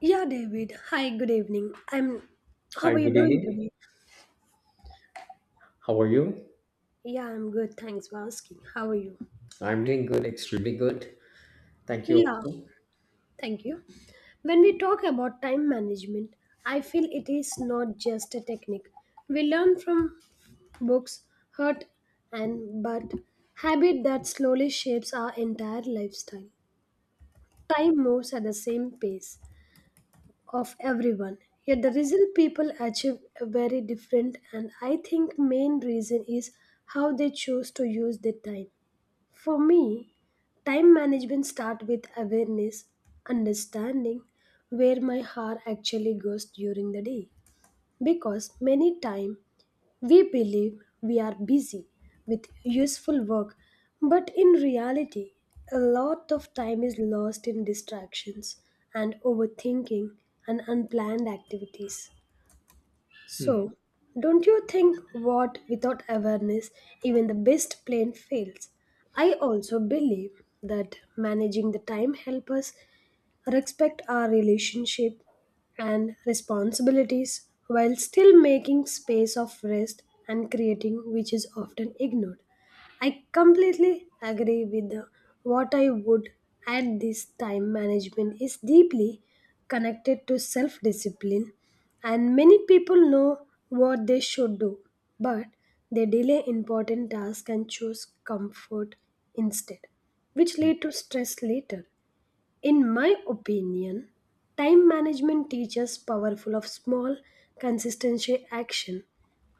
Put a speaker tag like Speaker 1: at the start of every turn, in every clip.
Speaker 1: Yeah, David. Hi, good evening. I'm. How
Speaker 2: Hi,
Speaker 1: are you
Speaker 2: good
Speaker 1: doing
Speaker 2: evening.
Speaker 1: today?
Speaker 2: How are you?
Speaker 1: Yeah, I'm good. Thanks for asking. How are you?
Speaker 2: I'm doing good, extremely good. Thank you
Speaker 1: Yeah,
Speaker 2: also.
Speaker 1: thank you. When we talk about time management, I feel it is not just a technique. We learn from books, hurt, and but habit that slowly shapes our entire lifestyle. Time moves at the same pace, of everyone, yet the result people achieve are very different, and I think main reason is how they choose to use their time. For me, time management start with awareness, understanding where my hour actually goes during the day, because many time we believe we are busy with useful work, but in reality, a lot of time is lost in distractions and overthinking and unplanned activities.
Speaker 2: Hmm,
Speaker 1: So, don't you think what without awareness, even the best plan fails? I also believe that managing the time helps us respect our relationship and responsibilities while still making space of rest and creating, which is often ignored. I completely agree with the, what I would add this time management is deeply connected to self discipline, and many people know what they should do, but they delay important tasks and choose comfort instead, which lead to stress later. In my opinion, time management teaches powerful of small, consistency action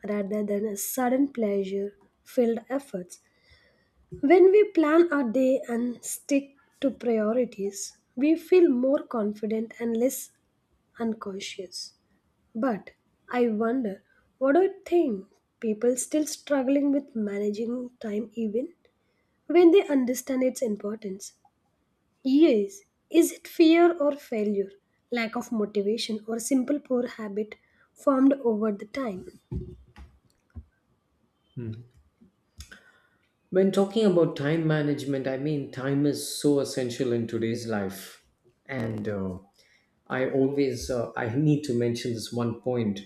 Speaker 1: rather than a sudden pleasure filled efforts. When we plan our day and stick to priorities, we feel more confident and less unconscious. But I wonder, what do you think? People still struggling with managing time even when they understand its importance. Yes. Is it fear or failure, lack of motivation, or simple poor habit formed over the time?
Speaker 2: hmm. When talking about time management, I mean, time is so essential in today's life. And I always, I need to mention this one point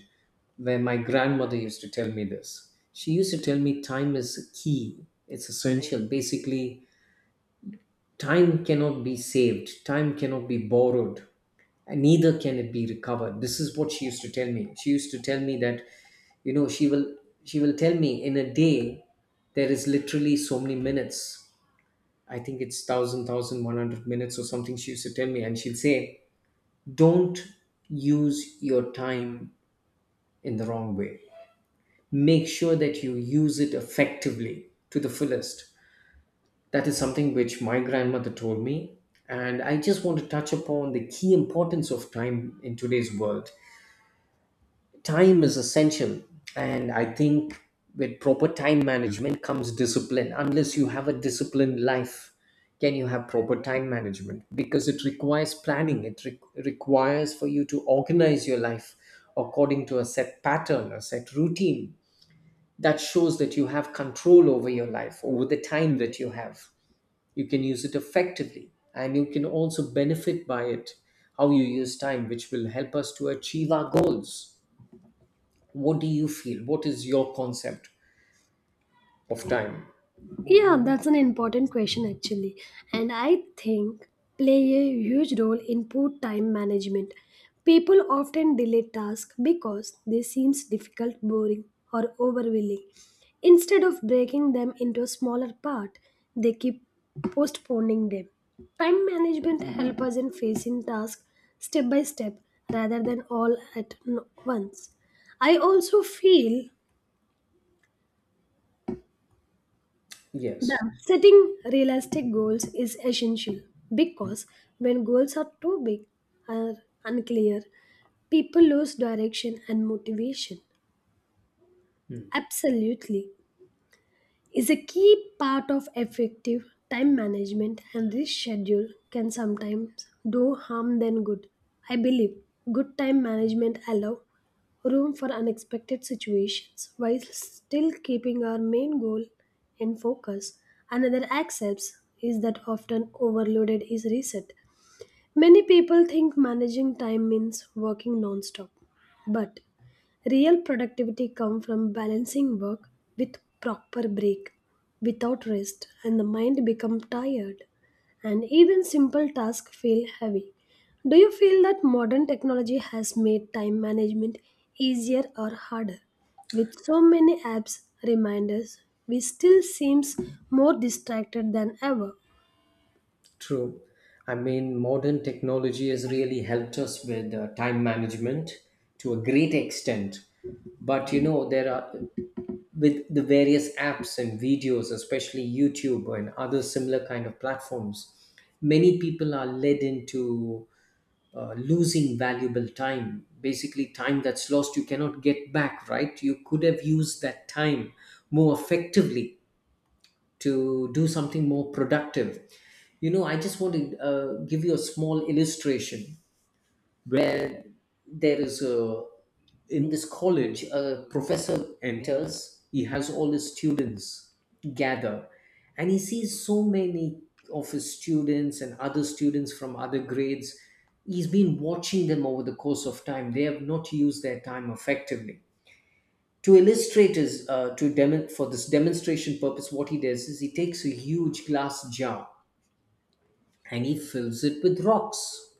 Speaker 2: where my grandmother used to tell me this. She used to tell me time is key, it's essential. Basically, time cannot be saved, time cannot be borrowed and neither can it be recovered. This is what she used to tell me. She used to tell me that you know she will she will tell me in a day there is literally so many minutes. I think it's 1100 minutes or something, she used to tell me. And she'll say don't use your time in the wrong way. Make sure that you use it effectively, to the fullest. That is something which my grandmother told me. And I just want to touch upon the key importance of time in today's world. Time is essential, and I think with proper time management comes discipline. Unless you have a disciplined life, can you have proper time management? Because it requires planning, it requires for you to organize your life according to a set pattern, a set routine. That shows that you have control over your life, over the time that you have. You can use it effectively, and you can also benefit by it, how you use time, which will help us to achieve our goals. What do you feel? What is your concept of time?
Speaker 1: Yeah, that's an important question actually. And I think play a huge role in poor time management. People often delay tasks because they seem difficult, boring, or overwhelming. Instead of breaking them into a smaller part, they keep postponing them. Time management helps us in facing tasks step by step rather than all at once. I also feel the
Speaker 2: Yes,
Speaker 1: setting realistic goals is essential because when goals are too big or unclear, people lose direction and motivation. Absolutely is a key part of effective time management, and this schedule can sometimes do harm than good. I believe good time management allow room for unexpected situations while still keeping our main goal in focus. Another accepts is that often overloaded is reset. Many people think managing time means working non-stop, but real productivity comes from balancing work with proper break. Without rest, and the mind becomes tired, and even simple tasks feel heavy. Do you feel that modern technology has made time management easier or harder? With so many apps, reminders, we still seems more distracted than ever.
Speaker 2: true. I mean, modern technology has really helped us with time management to a great extent. But you know, there are, with the various apps and videos, especially YouTube and other similar kind of platforms, many people are led into losing valuable time. Basically, time that's lost, you cannot get back, right? You could have used that time more effectively to do something more productive. You know, I just want to give you a small illustration where there is a, in this college a professor enters. He has all his students gather, and he sees so many of his students and other students from other grades. He's been watching them over the course of time. They have not used their time effectively. To illustrate his to demon for this demonstration purpose, what he does is he takes a huge glass jar and he fills it with rocks.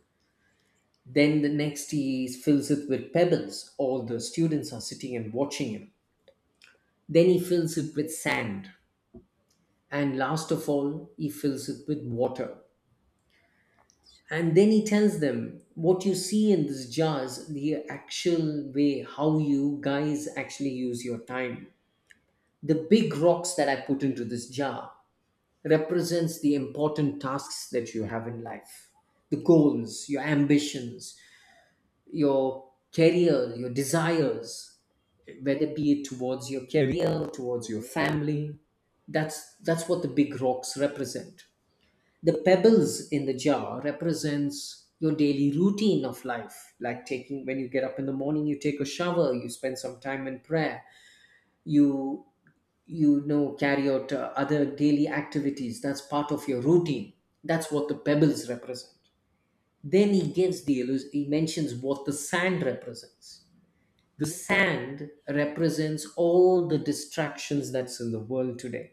Speaker 2: Then the next, he fills it with pebbles. All the students are sitting and watching him. Then he fills it with sand, and last of all he fills it with water. And then he tells them, what you see in this jar is the actual way how you guys actually use your time. The big rocks that I put into this jar represents the important tasks that you have in life, the goals, your ambitions, your career, your desires, whether be it towards your career, towards your family. That's what the big rocks represent. The pebbles in the jar represents your daily routine of life, like taking, when you get up in the morning you take a shower, you spend some time in prayer, you you know, carry out other daily activities. That's part of your routine. That's what the pebbles represent. Then he gives the he mentions what the sand represents. The sand represents all the distractions that's in the world today.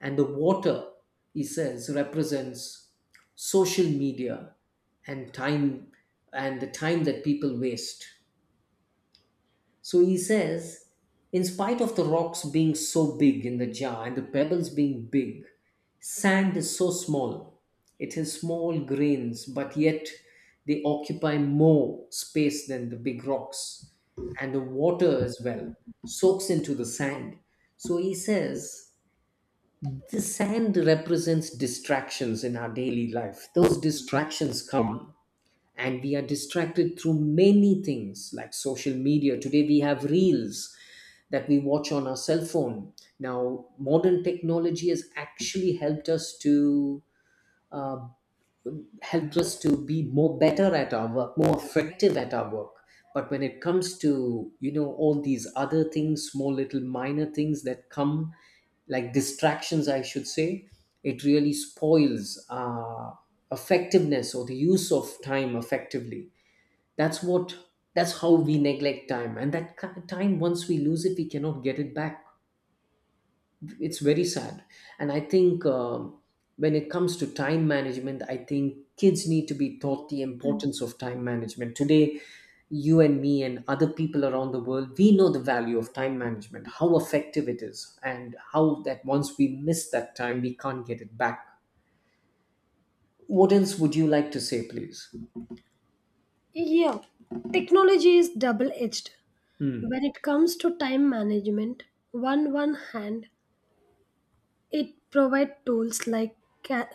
Speaker 2: And the water, he says, represents social media and time, and the time that people waste. So he says, in spite of the rocks being so big in the jar and the pebbles being big, sand is so small. It has small grains, but yet they occupy more space than the big rocks. And the water as well soaks into the sand. So he says, the sand represents distractions in our daily life. Those distractions come, and we are distracted through many things like social media. Today we have reels that we watch on our cell phone. Now, modern technology has actually uh, helped us to be more better at our work, more effective at our work. But when it comes to, you know, all these other things, small little minor things that come like distractions, I should say, it really spoils effectiveness or the use of time effectively. That's what that's how we neglect time, and that time, once we lose it, we cannot get it back. It's very sad. And I think when it comes to time management, I think kids need to be taught the importance of time management today. You and me and other people around the world, we know the value of time management, how effective it is, and how that once we miss that time we can't get it back. What else would you like to say, please?
Speaker 1: Yeah, technology is double edged.
Speaker 2: Hmm.
Speaker 1: When it comes to time management, on one hand, it provides tools like ca-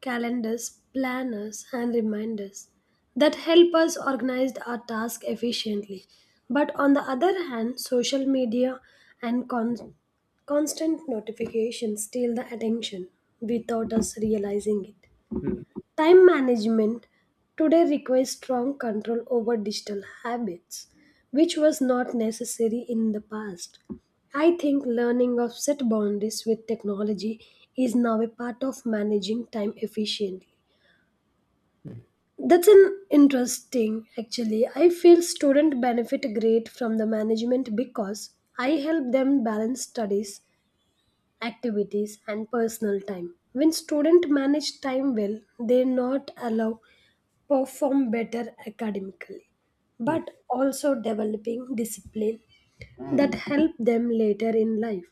Speaker 1: calendars, planners, and reminders that help us organize our tasks efficiently. But on the other hand, social media and constant notifications steal the attention without us realizing it.
Speaker 2: Hmm.
Speaker 1: Time management today requires strong control over digital habits, which was not necessary in the past. I think learning of set boundaries with technology is now a part of managing time efficiently. That's an interesting actually. I feel students benefit great from the management because I help them balance studies, activities and personal time. When students manage time well, they not allow perform better academically,
Speaker 2: Hmm.
Speaker 1: but also developing discipline that help them later in life.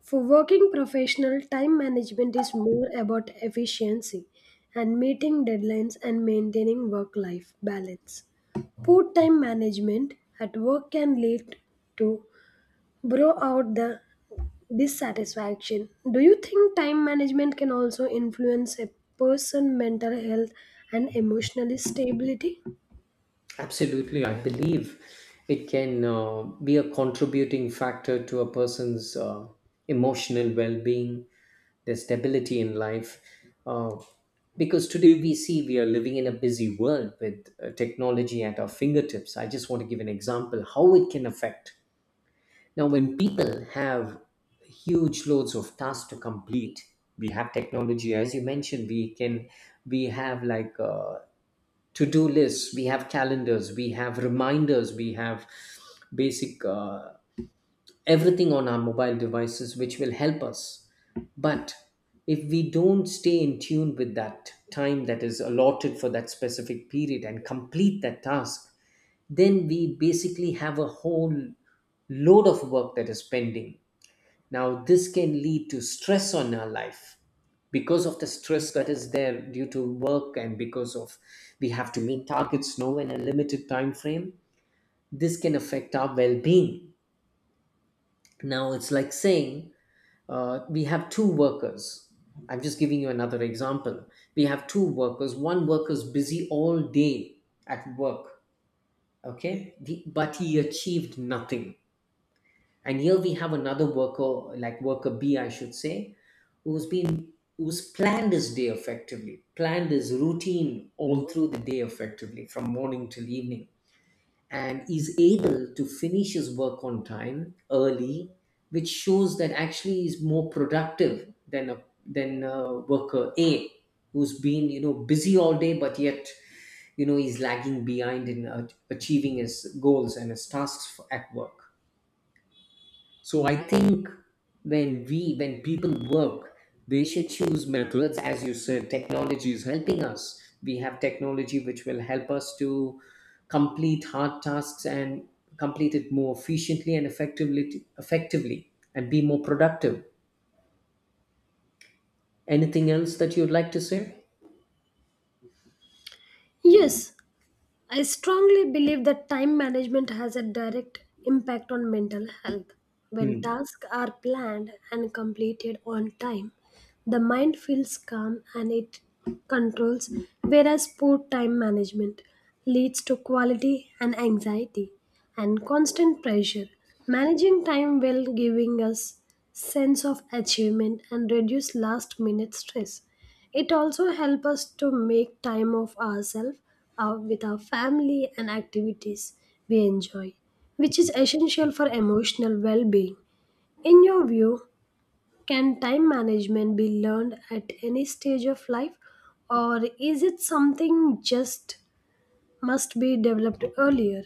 Speaker 1: For working professional, time management is more about efficiency and meeting deadlines and maintaining work life balance. Poor time management at work can lead to burn out the dissatisfaction. Do you think time management can also influence a person's mental health and emotional stability?
Speaker 2: Absolutely, I believe it can be a contributing factor to a person's emotional well being, their stability in life. Uh, because today we see we are living in a busy world with technology at our fingertips. I just want to give an example how it can affect. Now, when people have huge loads of tasks to complete, we have technology, as you mentioned, we have like to do lists, we have calendars, we have reminders, we have basic everything on our mobile devices which will help us. But if we don't stay in tune with that time that is allotted for that specific period and complete that task, then we basically have a whole load of work that is pending. Now, this can lead to stress on our life, because of the stress that is there due to work, and because of, we have to meet targets now in a limited time frame. This can affect our well-being. Now, it's like saying we have two workers. I'm just giving you another example. We have two workers. One worker is busy all day at work, okay, but he achieved nothing. And here we have another worker, like worker B I should say, who's planned his day effectively, planned his routine all through the day effectively from morning till evening, and is able to finish his work on time, early, which shows that actually is more productive than a, than worker A, who's been, you know, busy all day but yet, you know, he's lagging behind in achieving his goals and his tasks for, at work. So I think when people work, they should choose methods. As you said, technology is helping us. We have technology which will help us to complete hard tasks and complete it more efficiently and effectively and be more productive. Anything else that you'd like to say?
Speaker 1: Yes, I strongly believe that time management has a direct impact on mental health. When
Speaker 2: Hmm.
Speaker 1: tasks are planned and completed on time, the mind feels calm and it controls, whereas poor time management leads to quality and anxiety and constant pressure. Managing time well giving us sense of achievement and reduce last minute stress. It also helps us to make time of ourselves with our family and activities we enjoy, which is essential for emotional well-being. In your view, can time management be learned at any stage of life or is it something just must be developed earlier?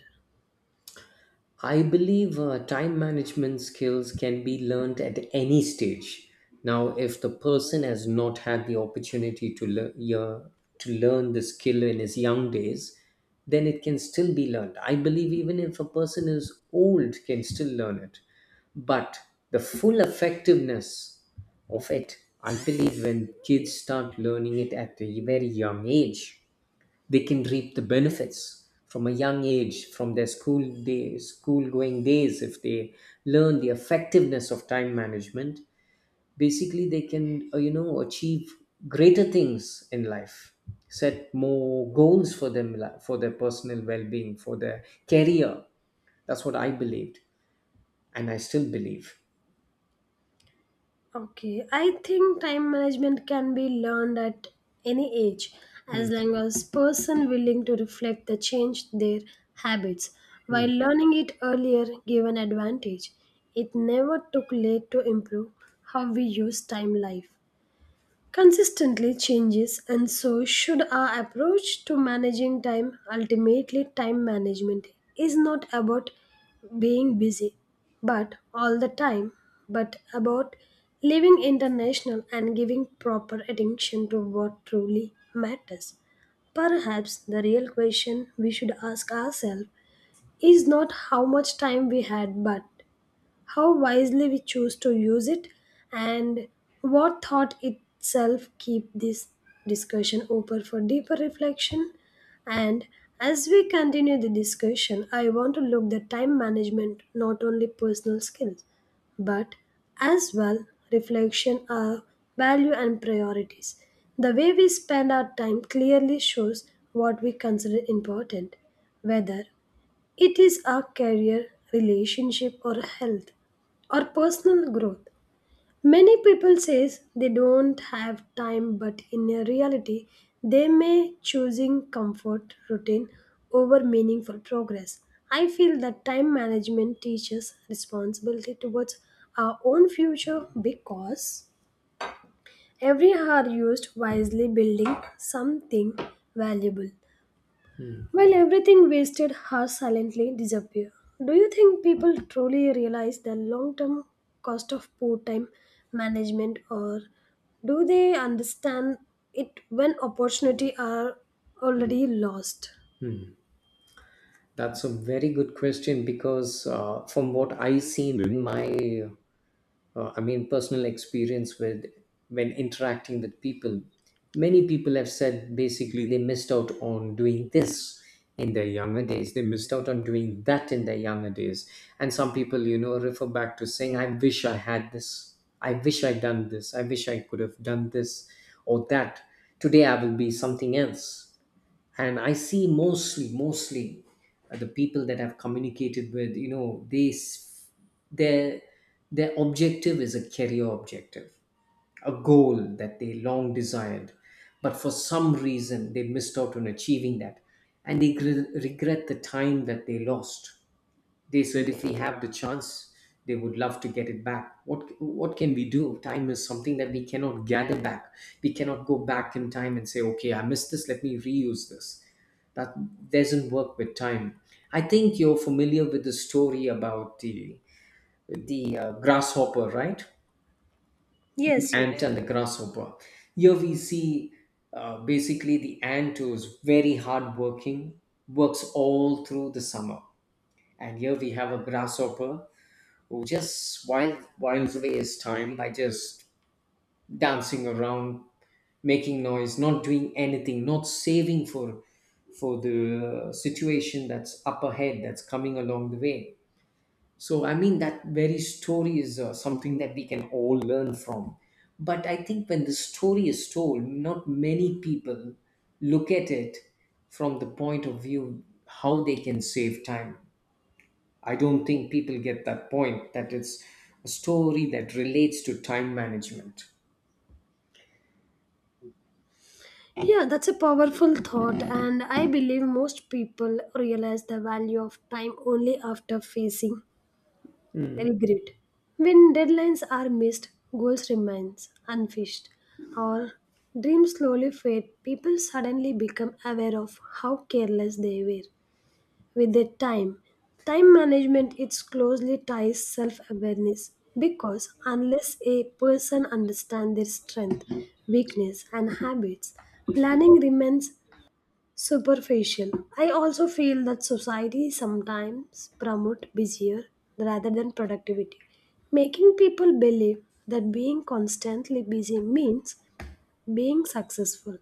Speaker 2: I believe time management skills can be learned at any stage. Now, if the person has not had the opportunity to learn the skill in his young days, then it can still be learned. I believe even if a person is old, can still learn it. But the full effectiveness of it, I believe, when kids start learning it at a very young age, they can reap the benefits from a young age, from their school days, school going days. If they learn the effectiveness of time management, basically they can you know, achieve greater things in life, set more goals for for their personal well-being, for their career. That's what I believed, and I still believe.
Speaker 1: Okay, I think time management can be learned at any age
Speaker 2: Hmm,
Speaker 1: as long as person willing to reflect the change their habits.
Speaker 2: hmm,
Speaker 1: While learning it earlier give an advantage, it never took late to improve how we use time. Life consistently changes, and so should our approach to managing time. Ultimately, time management is not about being busy but all the time, but about living international and giving proper attention to what truly matters. Perhaps the real question we should ask ourselves is not how much time we had but how wisely we choose to use it, and what thought itself keep this discussion open for deeper reflection. And as we continue the discussion, I want to look the time management not only personal skills, but as well reflection our value and priorities. The way we spend our time clearly shows what we consider important, whether it is our career, relationship or health or personal growth. Many people says they don't have time, but in reality they may choosing comfort routine over meaningful progress. I feel that time management teaches responsibility towards our own future, because every hour used wisely building something valuable
Speaker 2: hmm.
Speaker 1: while everything wasted has silently disappeared. Do you think people truly realize the long term cost of poor time management, or do they understand it when opportunity are already lost?
Speaker 2: That's a very good question, because from what I seen in my I mean, personal experience with, when interacting with people, many people have said basically they missed out on doing this in their younger days. They missed out on doing that in their younger days. And some people, you know, refer back to saying, I wish I had this. I wish I'd done this. I wish I could have done this or that. Today I will be something else. And I see, mostly the people that I've communicated with, you know, their their objective is a career objective, a goal that they long desired, but for some reason they missed out on achieving that, and they regret the time that they lost. They said if we have the chance, they would love to get it back. What can we do? Time is something that we cannot gather back. We cannot go back in time and say, okay, I missed this, let me reuse this. That doesn't work with time. I think you're familiar with the story about the grasshopper, right? The
Speaker 1: Yes, yes.
Speaker 2: ant and the grasshopper. Here we see basically the ant who's very hardworking, works all through the summer, and here we have a grasshopper who just whiles away his time by just dancing around, making noise, not doing anything, not saving for the situation that's up ahead, that's coming along the way. So I mean that very story is something that we can all learn from. But I think when the story is told, not many people look at it from the point of view how they can save time. I don't think people get that point that it's a story that relates to time management.
Speaker 1: Yeah, that's a powerful thought, and I believe most people realize the value of time only after facing then grit. When deadlines are missed, goals remain unfished, or dreams slowly fade, people suddenly become aware of how careless they were with their time. Time management it closely ties self-awareness, because unless a person understands their strength, weakness, and habits, planning remains superficial. I also feel that society sometimes promote busier rather than productivity, making people believe that being constantly busy means being successful.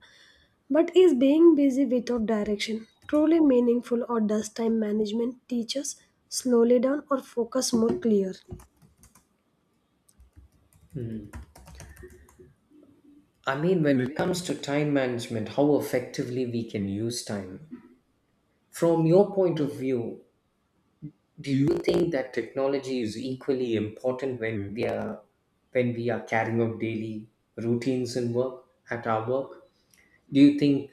Speaker 1: But is being busy without direction truly meaningful, or does time management teach us slowly down or focus more clear?
Speaker 2: I mean, when it comes to time management, how effectively we can use time. From your point of view, do you think that technology is equally important when we are carrying out daily routines and work at our work? Do you think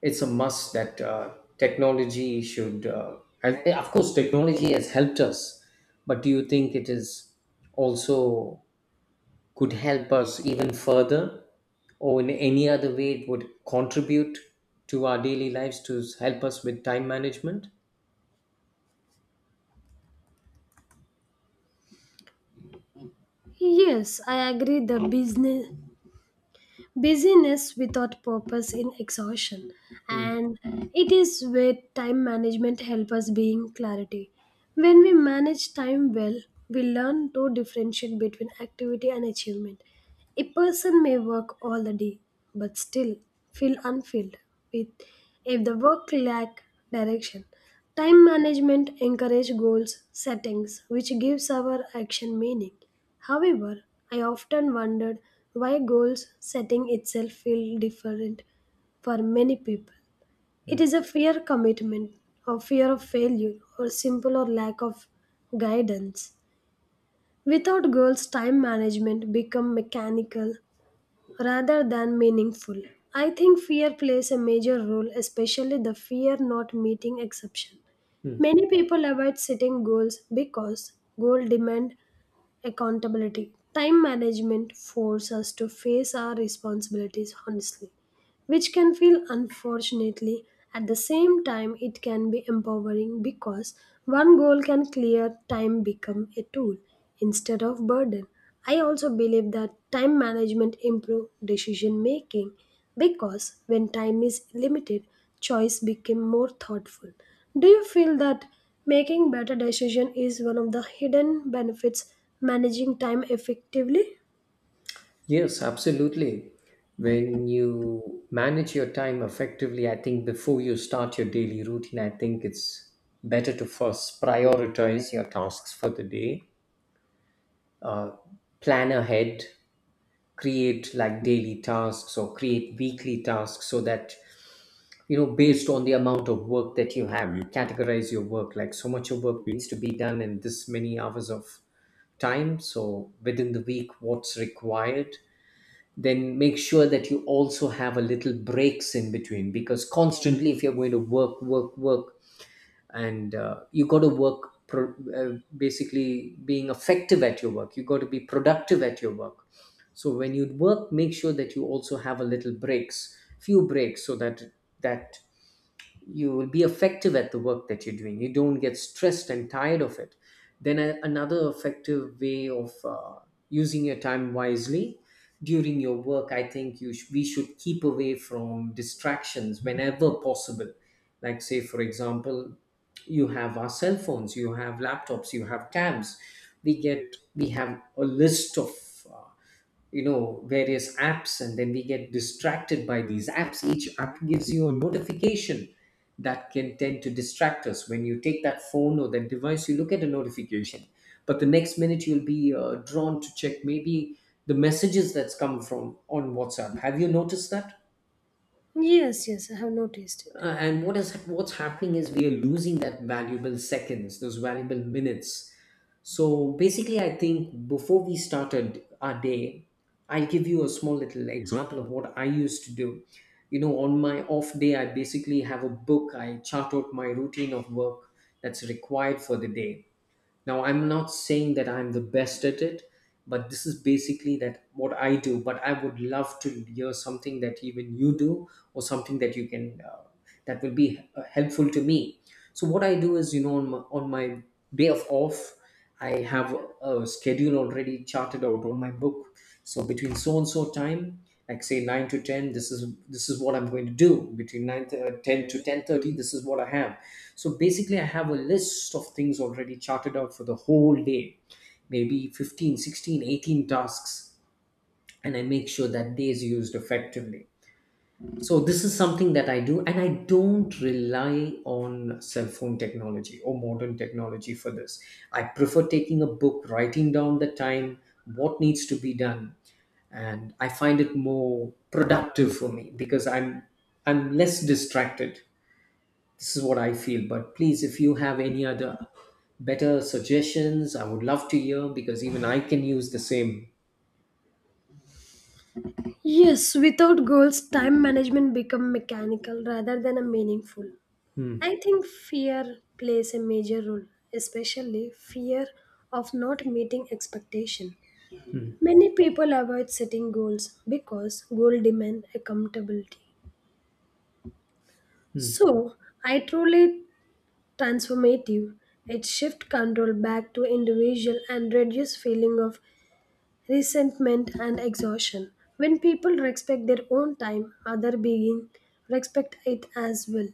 Speaker 2: it's a must that technology should? Of course, technology has helped us, but do you think it is also could help us even further or in any other way it would contribute to our daily lives to help us with time management?
Speaker 1: Yes, I agree the business busyness without purpose in exhaustion,
Speaker 2: Mm,
Speaker 1: and it is where time management helps us being clarity. When we manage time well, we learn to differentiate between activity and achievement. A person may work all the day but still feel unfilled with if the work lack direction. Time management encourage goals settings which gives our action meaning. However, I often wondered why goals setting itself feel different for many people. It is a fear commitment or fear of failure or simple or lack of guidance. Without goals, time management become mechanical rather than meaningful. I think fear plays a major role, especially the fear not meeting exception.
Speaker 2: mm.
Speaker 1: Many people avoid setting goals because goal demand accountability. Time management forces us to face our responsibilities honestly, which can feel unfortunately. At the same time, it can be empowering because one goal can clear time become a tool instead of burden. I also believe that time management improve decision making, because when time is limited, choice become more thoughtful. Do you feel that making better decision is one of the hidden benefits managing time effectively?
Speaker 2: Yes, absolutely. When you manage your time effectively, I think before you start your daily routine, I think it's better to first prioritize your tasks for the day. uh, Plan ahead, create like daily tasks or create weekly tasks, so that you know based on the amount of work that you have, you categorize your work like so much of work needs to be done in this many hours of time. So within the week what's required, then make sure that you also have a little breaks in between, because constantly if you're going to work, work, work and you got to work basically being effective at your work, you got to be productive at your work. So when you work, make sure that you also have a little breaks, few breaks, so that that you will be effective at the work that you're doing, you don't get stressed and tired of it. Then another effective way of using your time wisely during your work, I think you we should keep away from distractions whenever possible. Like say for example, you have our cell phones, you have laptops, you have tabs. We have a list of uh, you know various apps, and then we get distracted by these apps. Each app gives you a notification that can tend to distract us. When you take that phone or that device, you look at a notification, but the next minute you'll be drawn to check maybe the messages that's come from on WhatsApp. Have you noticed that?
Speaker 1: Yes, yes, I have noticed it.
Speaker 2: And what's happening is we are losing that valuable seconds, those valuable minutes. So basically, I think before we started our day, I'll give you a small little example of what I used to do. You know, on my off day, I basically have a book. I chart out my routine of work that's required for the day. Now, I'm not saying that I'm the best at it, but this is basically that what I do. But I would love to hear something that even you do, or something that you can that will be helpful to me. So what I do is, you know, on my day of off, I have a schedule already charted out on my book. So between so and so time, like say 9 to 10, this is what I'm going to do. Between 9 to, 10 to 10:30, this is what I have. So basically I have a list of things already charted out for the whole day, maybe 15, 16, 18 tasks, and I make sure that day is used effectively. So this is something that I do, and I don't rely on cell phone technology or modern technology for this. I prefer taking a book, writing down the time, what needs to be done, and I find it more productive for me because I'm less distracted. This is what I feel. But please, if you have any other better suggestions, I would love to hear because even I can use the same.
Speaker 1: Yes, without goals, time management become mechanical rather than a meaningful.
Speaker 2: Hmm,
Speaker 1: I think fear plays a major role, especially fear of not meeting expectation. Many people avoid setting goals because goal demand accountability.
Speaker 2: hmm.
Speaker 1: So, I truly transformative. It shift control back to individual and reduce feeling of resentment and exhaustion. When people respect their own time, other being respect it as well.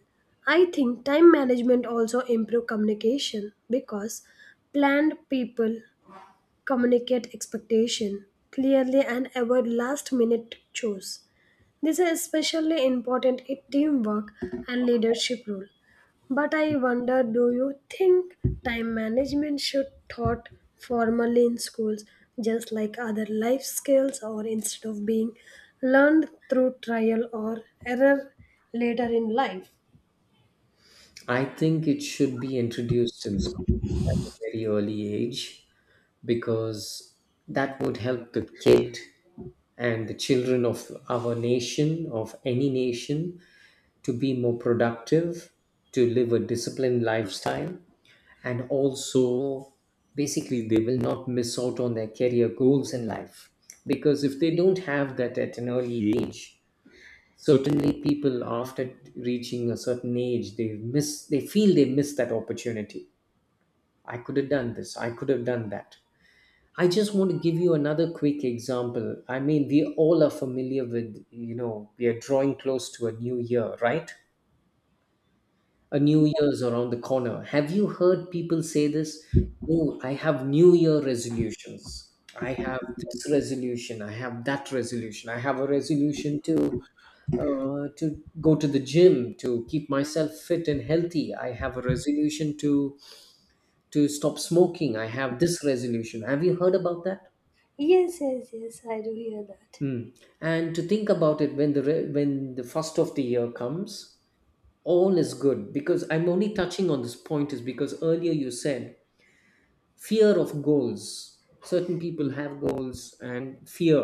Speaker 1: I think time management also improve communication because planned people communicate expectation clearly and avoid last minute chores. This is especially important in teamwork and leadership role. But I wonder, do you think time management should taught formally in schools just like other life skills, or instead of being learned through trial or error later in life?
Speaker 2: I think it should be introduced in school at a very early age, because that would help the kid and the children of our nation, of any nation, to be more productive, to live a disciplined lifestyle, and also basically they will not miss out on their career goals in life. Because if they don't have that at an early age, certainly people after reaching a certain age they miss they feel they miss that opportunity. I could have done this, I could have done that. I just want to give you another quick example. I mean, we all are familiar with, you know, we are drawing close to a new year, right? A new year's around the corner. Have you heard people say this? Oh, I have new year resolutions. I have this resolution. I have that resolution. I have a resolution to go to the gym to keep myself fit and healthy. I have a resolution to stop smoking. I have this resolution. Have you heard about that?
Speaker 1: Yes, yes, yes, I do hear that.
Speaker 2: Hmm. And to think about it, when when the first of the year comes, all is good. Because I'm only touching on this point is because earlier you said fear of goals, certain people have goals and fear.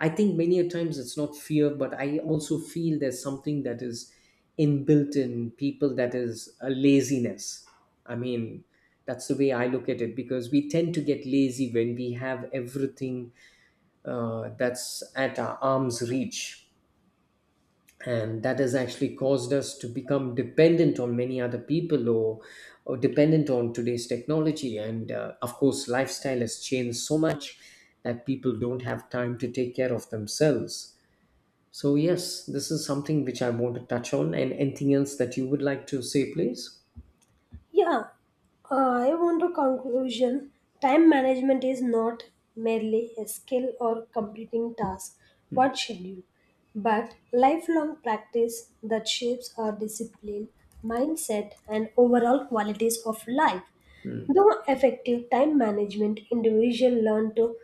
Speaker 2: I think many a times it's not fear, but I also feel there's something that is inbuilt in people, that is a laziness. I mean, that's the way I look at it, because we tend to get lazy when we have everything that's at our arm's reach, and that has actually caused us to become dependent on many other people, or dependent on today's technology. And of course lifestyle has changed so much that people don't have time to take care of themselves. So yes, this is something which I want to touch on, and anything else that you would like to say, please.
Speaker 1: Yeah, I want to conclusion. Time management is not merely a skill or completing tasks, what schedule, but lifelong practice that shapes our discipline, mindset, and overall qualities of life. Through effective time management, individuals learn to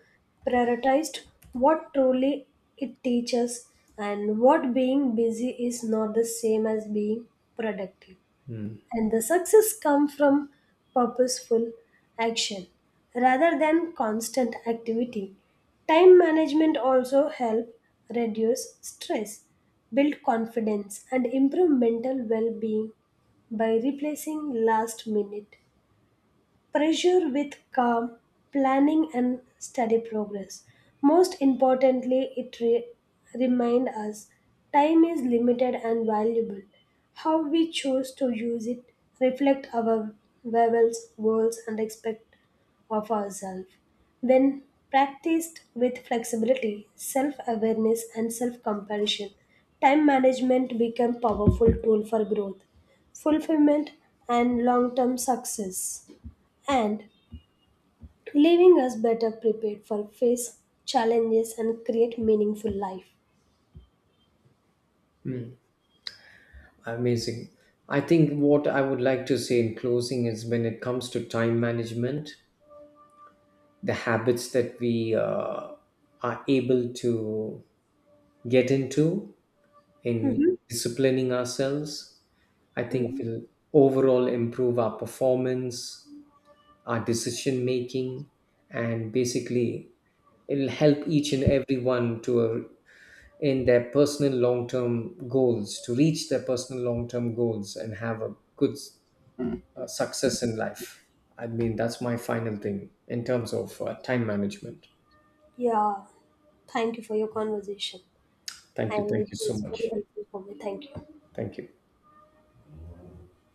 Speaker 1: prioritize what truly it teaches and what being busy is not the same as being productive and the success come from purposeful action rather than constant activity. Time management also help reduce stress, build confidence and improve mental well-being by replacing last minute pressure with calm planning and steady progress. Most importantly, it reminds us time is limited and valuable. How we choose to use it reflect our levels, goals, and expect of ourselves. When practiced with flexibility, self awareness, and self compassion, time management becomes powerful tool for growth, fulfillment, and long term success and leaving us better prepared for face challenges and create meaningful life.
Speaker 2: Amazing. I think what I would like to say in closing is when it comes to time management, the habits that we are able to get into in
Speaker 1: Mhm.
Speaker 2: disciplining ourselves, I think
Speaker 1: Mhm.
Speaker 2: will overall improve our performance, our decision making, and basically it'll help each and everyone to in their personal long-term goals, to reach their personal long-term goals and have a good success in life. I mean, that's my final thing in terms of time management.
Speaker 1: Yeah, thank you for your conversation,
Speaker 2: Thank you.
Speaker 1: and it
Speaker 2: Thank you so
Speaker 1: was very
Speaker 2: much.
Speaker 1: helpful for me. Thank you.
Speaker 2: Thank you.